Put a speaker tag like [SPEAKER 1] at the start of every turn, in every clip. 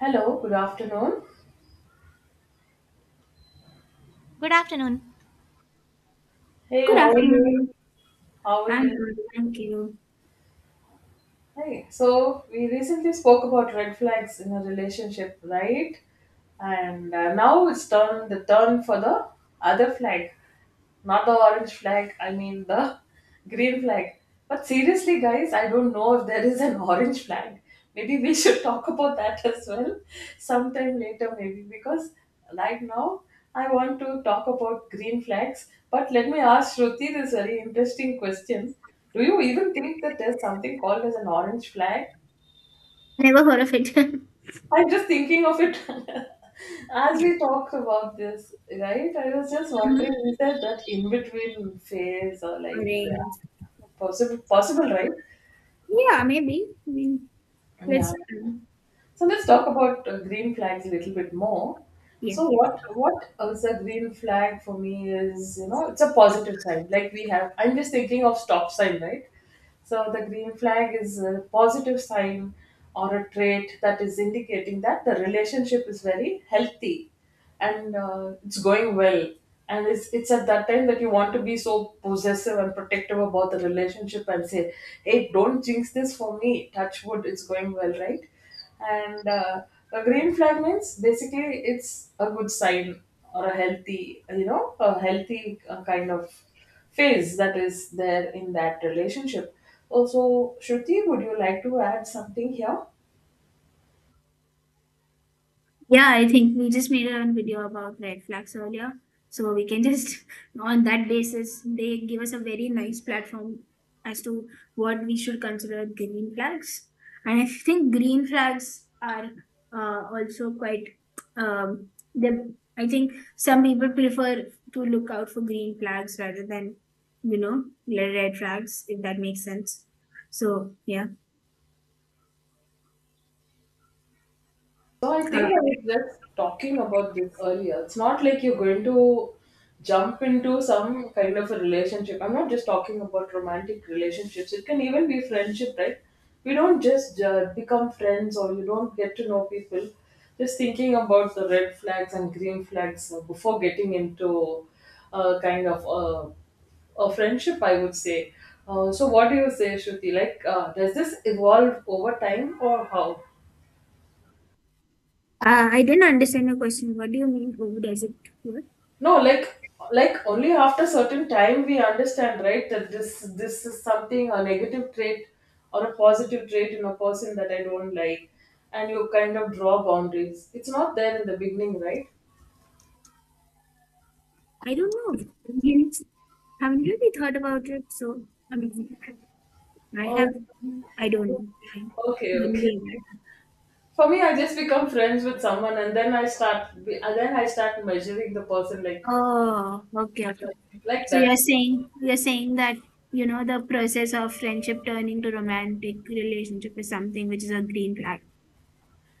[SPEAKER 1] Hello, good afternoon.
[SPEAKER 2] Good afternoon.
[SPEAKER 1] Hey,
[SPEAKER 3] Good
[SPEAKER 1] how are you?
[SPEAKER 3] afternoon.
[SPEAKER 1] How are
[SPEAKER 3] I'm
[SPEAKER 1] you?
[SPEAKER 3] good, thank you.
[SPEAKER 1] Hey, so we recently spoke about red flags in a relationship, right? And now it's turn the turn for the other flag, not the orange flag, I mean the green flag. But seriously, guys, I don't know if there is an orange flag. Maybe we should talk about that as well sometime later, maybe, because right now I want to talk about green flags. But let me ask Shruti this very interesting question. Do you even think that there's something called as an orange flag?
[SPEAKER 3] Never heard of it.
[SPEAKER 1] I'm just thinking of it as
[SPEAKER 3] Yeah,
[SPEAKER 1] we talked about this, right? I was just
[SPEAKER 3] uh-huh.
[SPEAKER 1] wondering, is there that in between phase or like
[SPEAKER 3] Arrange.
[SPEAKER 1] yeah, possible, possible, right?
[SPEAKER 3] Yeah, maybe. I mean,
[SPEAKER 1] Yeah.
[SPEAKER 3] let's.
[SPEAKER 1] So let's talk about green flags a little bit more.
[SPEAKER 3] Yeah.
[SPEAKER 1] So what is a green flag for me is you know it's a positive sign. Like we have, I'm just thinking of stop sign, right? So the green flag is a positive sign or a trait that is indicating that the relationship is very healthy and it's going well and it's at that time that you want to be so possessive and protective about the relationship and say hey, don't jinx this for me, touch wood, it's going well, right? and a green flag means basically it's a good sign or a healthy, you know, a healthy kind of phase that is there in that relationship. Also Shruti, would you like to add something here?
[SPEAKER 3] Yeah, I think we just made a video about red flags earlier. So we can just, on that basis, they give us a very nice platform as to what we should consider green flags. And I think green flags are also quite, um, I think some people prefer to look out for green flags rather than, you know, red flags, if that makes sense. So, yeah.
[SPEAKER 1] So I
[SPEAKER 3] Uh,
[SPEAKER 1] think I was just talking about this earlier. It's not like you're going to jump into some kind of a relationship. I'm not just talking about romantic relationships. It can even be friendship, right? We don't just become friends or you don't get to know people just thinking about the red flags and green flags before getting into a kind of a friendship, I would say. So what do you say, Shruti? Like, does this evolve over time or how?
[SPEAKER 3] I didn't understand your question. What do you mean? Who does it work?
[SPEAKER 1] No, like only after certain time we understand, right, that this is something a negative trait or a positive trait in a person that I don't like, and you kind of draw boundaries. It's not there in the beginning, right?
[SPEAKER 3] I don't know. Indians haven't really thought about it, so I mean, I
[SPEAKER 1] Or
[SPEAKER 3] have. I don't know. I
[SPEAKER 1] okay,
[SPEAKER 3] don't
[SPEAKER 1] okay.
[SPEAKER 3] know that.
[SPEAKER 1] For me, I just become friends with someone, and then I start and then I start measuring the person like,
[SPEAKER 3] Oh, okay, okay.
[SPEAKER 1] like, like
[SPEAKER 3] So
[SPEAKER 1] that.
[SPEAKER 3] you're saying you're saying that you know the process of friendship turning to romantic relationship is something which is a green flag.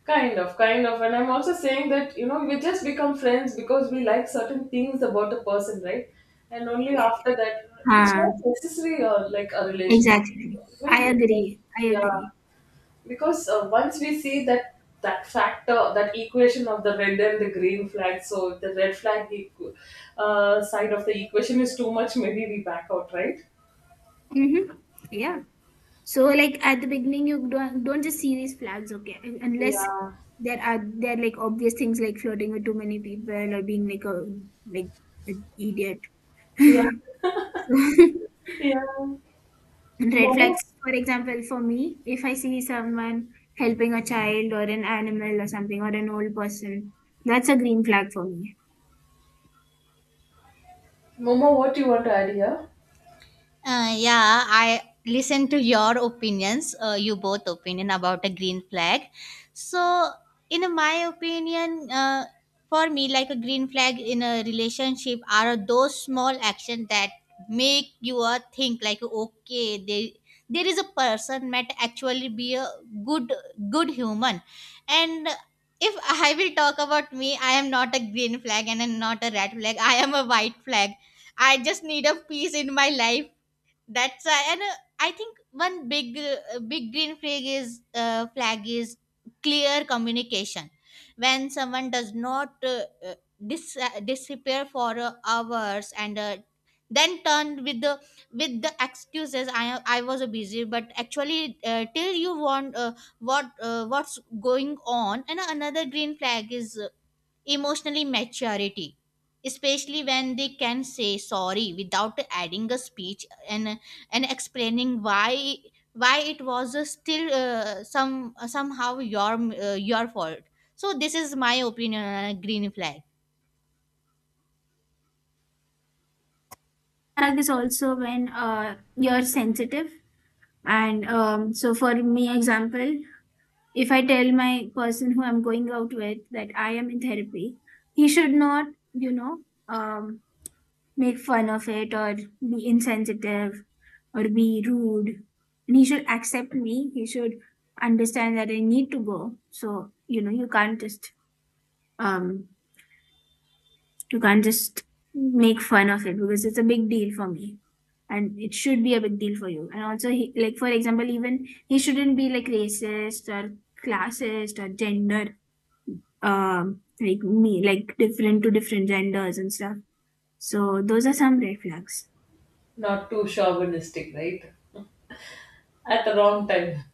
[SPEAKER 1] Kind of, kind of. And I'm also saying that, you know, we just become friends because we like certain things about a person, right? And only after that, it's
[SPEAKER 3] Huh,
[SPEAKER 1] not necessary or like a relationship.
[SPEAKER 3] exactly.
[SPEAKER 1] Even,
[SPEAKER 3] I
[SPEAKER 1] because-
[SPEAKER 3] agree. I
[SPEAKER 1] yeah,
[SPEAKER 3] agree.
[SPEAKER 1] because once we see that that factor, that equation of the red and the green flag, so if the red flag side of the equation is too much, maybe we back out, right?
[SPEAKER 3] Mm-hmm.
[SPEAKER 1] Mm.
[SPEAKER 3] Yeah. So like at the beginning, you don't just see these flags, okay? Unless
[SPEAKER 1] Yeah,
[SPEAKER 3] there are like obvious things like flirting with too many people or being like an idiot.
[SPEAKER 1] yeah, yeah.
[SPEAKER 3] So red
[SPEAKER 1] Momo,
[SPEAKER 3] flags, for example, for me, if I see someone helping a child or an animal or something or an old person, that's a green flag for me.
[SPEAKER 1] Momo, what do you want to add here?
[SPEAKER 2] Yeah, I listen to your opinions, you both opinion about a green flag. So, in my opinion, for me, like a green flag in a relationship are those small actions that make you think like, okay, there is a person might actually be a good good human. And if I will talk about me, I am not a green flag and I'm not a red flag. I am a white flag. I just need a peace in my life that's why, and I think one big green flag is clear communication. When someone does not uh, disappear for hours and then turn with the excuses, I was busy, but actually till you want what what's going on. And another green flag is emotionally maturity, especially when they can say sorry without adding a speech and explaining why it was still somehow your fault. So this is my opinion on a green flag.
[SPEAKER 3] Flag is also when you're sensitive and so for me example, if I tell my person who I'm going out with that I am in therapy, he should not, you know, um, make fun of it or be insensitive or be rude. And he should accept me. He should understand that I need to go. So, you know, um, you can't just make fun of it because it's a big deal for me and it should be a big deal for you. And also, he, like, for example, even he shouldn't be like racist or classist or gender, like me, like different to different genders and stuff. So those are some red flags.
[SPEAKER 1] Not too chauvinistic, right? At the wrong time.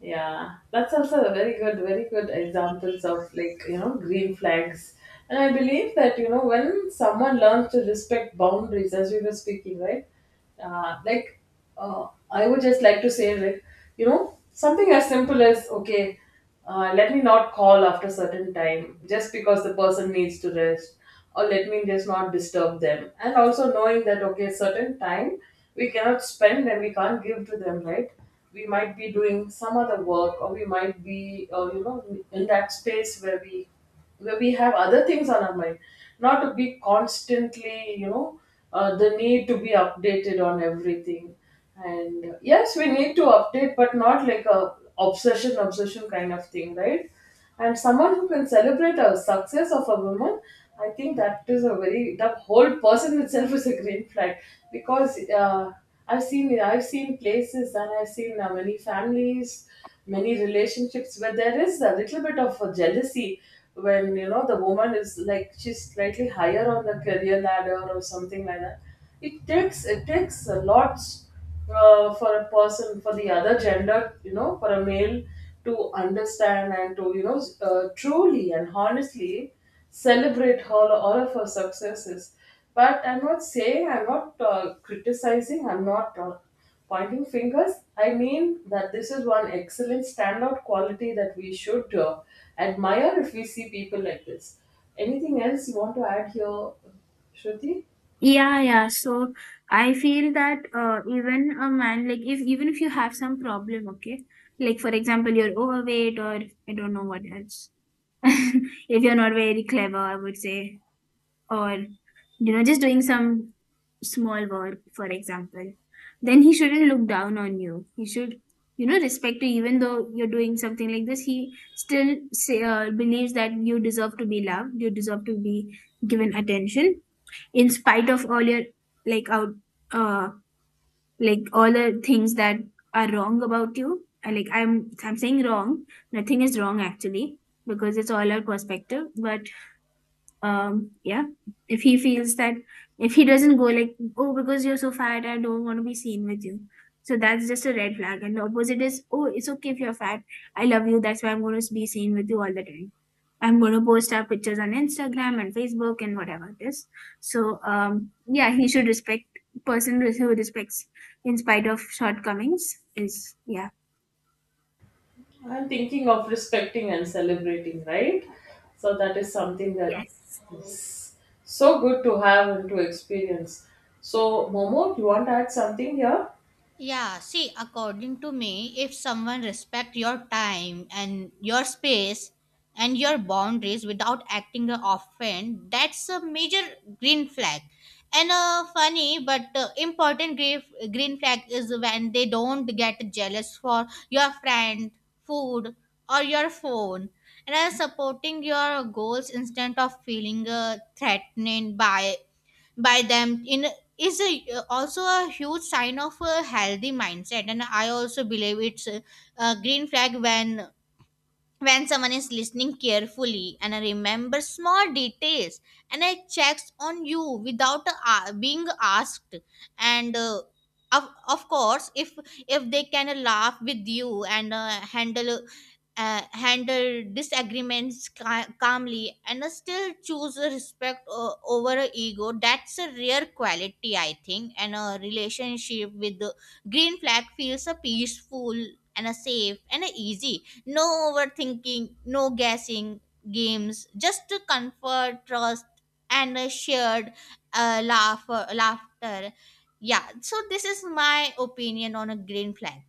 [SPEAKER 1] Yeah, that's also a very good, very good examples of like, you know, green flags. And I believe that, you know, when someone learns to respect boundaries, as we were speaking, right? Uh, like, I would just like to say, like, you know, something as simple as, okay, let me not call after certain time just because the person needs to rest or let me just not disturb them, and also knowing that okay certain time we cannot spend and we can't give to them, right? We might be doing some other work or we might be, you know, in that space where we have other things on our mind, not to be constantly, you know, the need to be updated on everything. And yes, we need to update but not like a obsession kind of thing, right? And someone who can celebrate a success of a woman, I think that is a very, the whole person itself is a green flag. Because I've seen, I've seen places, and I've seen many families, many relationships where there is a little bit of a jealousy when, you know, the woman is like she's slightly higher on the career ladder or something like that. It takes a lot for a person, for the other gender, you know, for a male to understand and to, you know, truly and honestly celebrate all of her successes. But I'm not saying, I'm not criticizing, I'm not pointing fingers. I mean that this is one excellent standout quality that we should admire if we see people like this. Anything else you want to add here, Shruti?
[SPEAKER 3] Yeah, yeah. So I feel that even a man, like if even if you have some problem, okay, like for example, you're overweight or I don't know what else. If you're not very clever, I would say, or you know, just doing some small work, for example, then he shouldn't look down on you. He should, you know, respect you. Even though you're doing something like this, he still say, believes that you deserve to be loved. You deserve to be given attention, in spite of all your like out, uh, like all the things that are wrong about you. Like I'm, saying wrong. Nothing is wrong actually, because it's all our perspective. But yeah, if he feels that, if he doesn't go like, oh, because you're so fat I don't want to be seen with you, so that's just a red flag, and the opposite is, oh, it's okay if you're fat, I love you, that's why I'm going to be seen with you all the time, I'm going to post our pictures on Instagram and Facebook and whatever this. So yeah, he should respect. Person who respects in spite of shortcomings is, yeah,
[SPEAKER 1] I'm thinking of respecting and celebrating, right? So that is something that
[SPEAKER 3] yes.
[SPEAKER 1] is so good to have and to experience. So, Momo, you want to add something here?
[SPEAKER 2] Yeah, see, according to me, if someone respect your time and your space and your boundaries without acting a offend, that's a major green flag. And a funny but important green flag is when they don't get jealous for your friend, food, or your phone, and are supporting your goals instead of feeling threatened by them in is a, also a huge sign of a healthy mindset. And I also believe it's a green flag when someone is listening carefully and remembers small details and I checks on you without being asked. And of course if they can laugh with you and handle disagreements calmly and still choose a respect over a ego. That's a rare quality, I think, and a relationship with the green flag feels a peaceful and a safe and a easy. No overthinking, no guessing games, just a comfort, trust, and a shared laughter. Yeah, so this is my opinion on a green flag.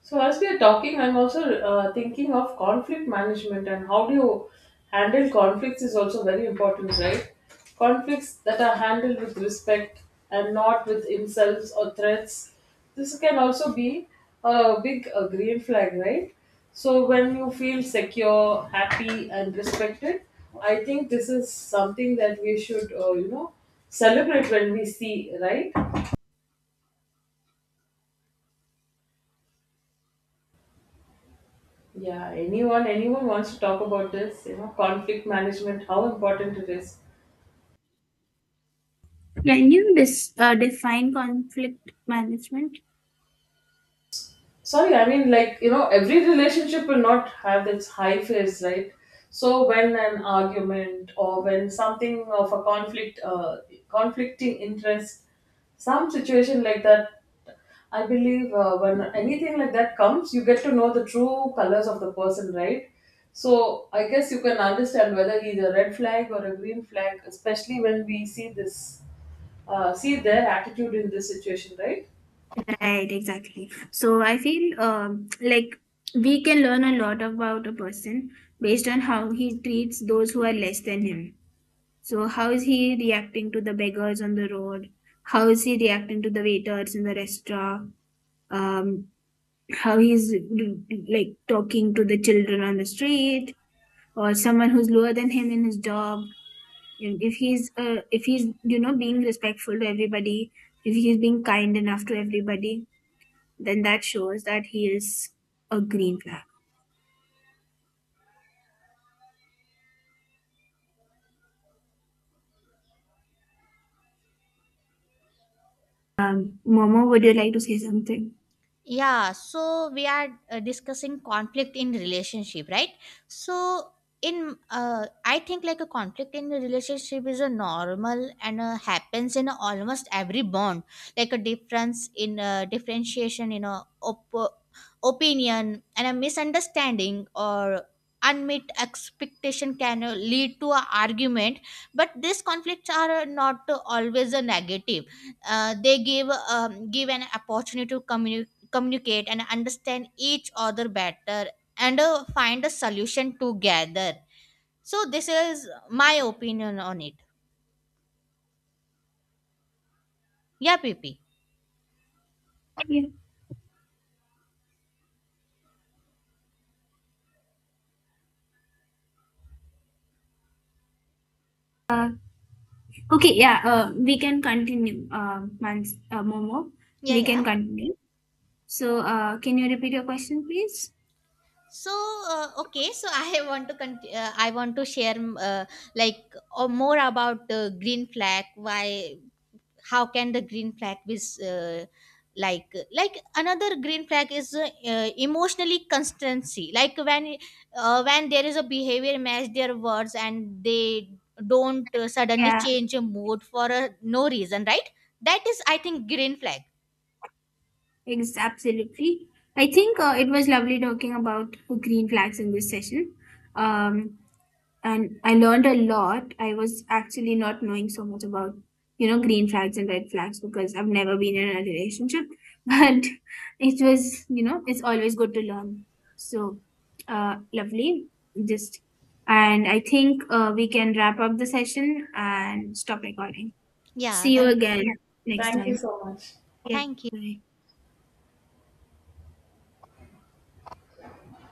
[SPEAKER 1] So, as we are talking, I'm also thinking of conflict management and how do you handle conflicts is also very important, right? Conflicts that are handled with respect and not with insults or threats. This can also be a big green flag, right? So, when you feel secure, happy, and respected, I think this is something that we should, you know, celebrate when we see, right? Yeah, anyone wants to talk about this, you know, conflict management, how important it is.
[SPEAKER 3] Can you define conflict management?
[SPEAKER 1] Sorry, I mean, like, you know, every relationship will not have its high phase, right? So when an argument or when something of a conflict, conflicting interest, some situation like that, I believe when anything like that comes, you get to know the true colors of the person, right? So I guess you can understand whether he's a red flag or a green flag, especially when we see this, see their attitude in this situation, right?
[SPEAKER 3] Right, exactly. So I feel, like, we can learn a lot about a person based on how he treats those who are less than him. So, how is he reacting to the beggars on the road? How is he reacting to the waiters in the restaurant? Um, how he's like talking to the children on the street or someone who's lower than him in his job. And if he's if he's you know being respectful to everybody, if he's being kind enough to everybody, then that shows that he is a green flag. Momo, would you like to say something?
[SPEAKER 2] Yeah, so we are discussing conflict in relationship, right? So in I think like a conflict in a relationship is a normal and happens in almost every bond, like a difference in differentiation in a opinion and a misunderstanding or unmet expectation can lead to an argument, but these conflicts are not always a negative. They give an opportunity to communicate and understand each other better, and find a solution together. So this is my opinion on it. Yeah, P P.
[SPEAKER 3] Yeah. Okay, yeah, we can continue, Momo.
[SPEAKER 2] Yeah,
[SPEAKER 3] We
[SPEAKER 2] yeah.
[SPEAKER 3] can continue. So, can you repeat your question, please?
[SPEAKER 2] So okay, so I want to share like more about green flag why how can the green flag is another green flag is emotionally constancy, like when there is a behavior match their words and they don't suddenly
[SPEAKER 3] Yeah,
[SPEAKER 2] change a mood for no reason, right? That is, I think, green flag.
[SPEAKER 3] absolutely. I think it was lovely talking about green flags in this session. Um, and I learned a lot. I was actually not knowing so much about, you know, green flags and red flags because I've never been in a relationship. But it was, you know, it's always good to learn. So, lovely. Just, and I think we can wrap up the session and stop recording.
[SPEAKER 2] Yeah,
[SPEAKER 3] See you again next
[SPEAKER 1] Thank you
[SPEAKER 3] time.
[SPEAKER 1] so much.
[SPEAKER 3] Yeah.
[SPEAKER 2] thank you.
[SPEAKER 3] Bye.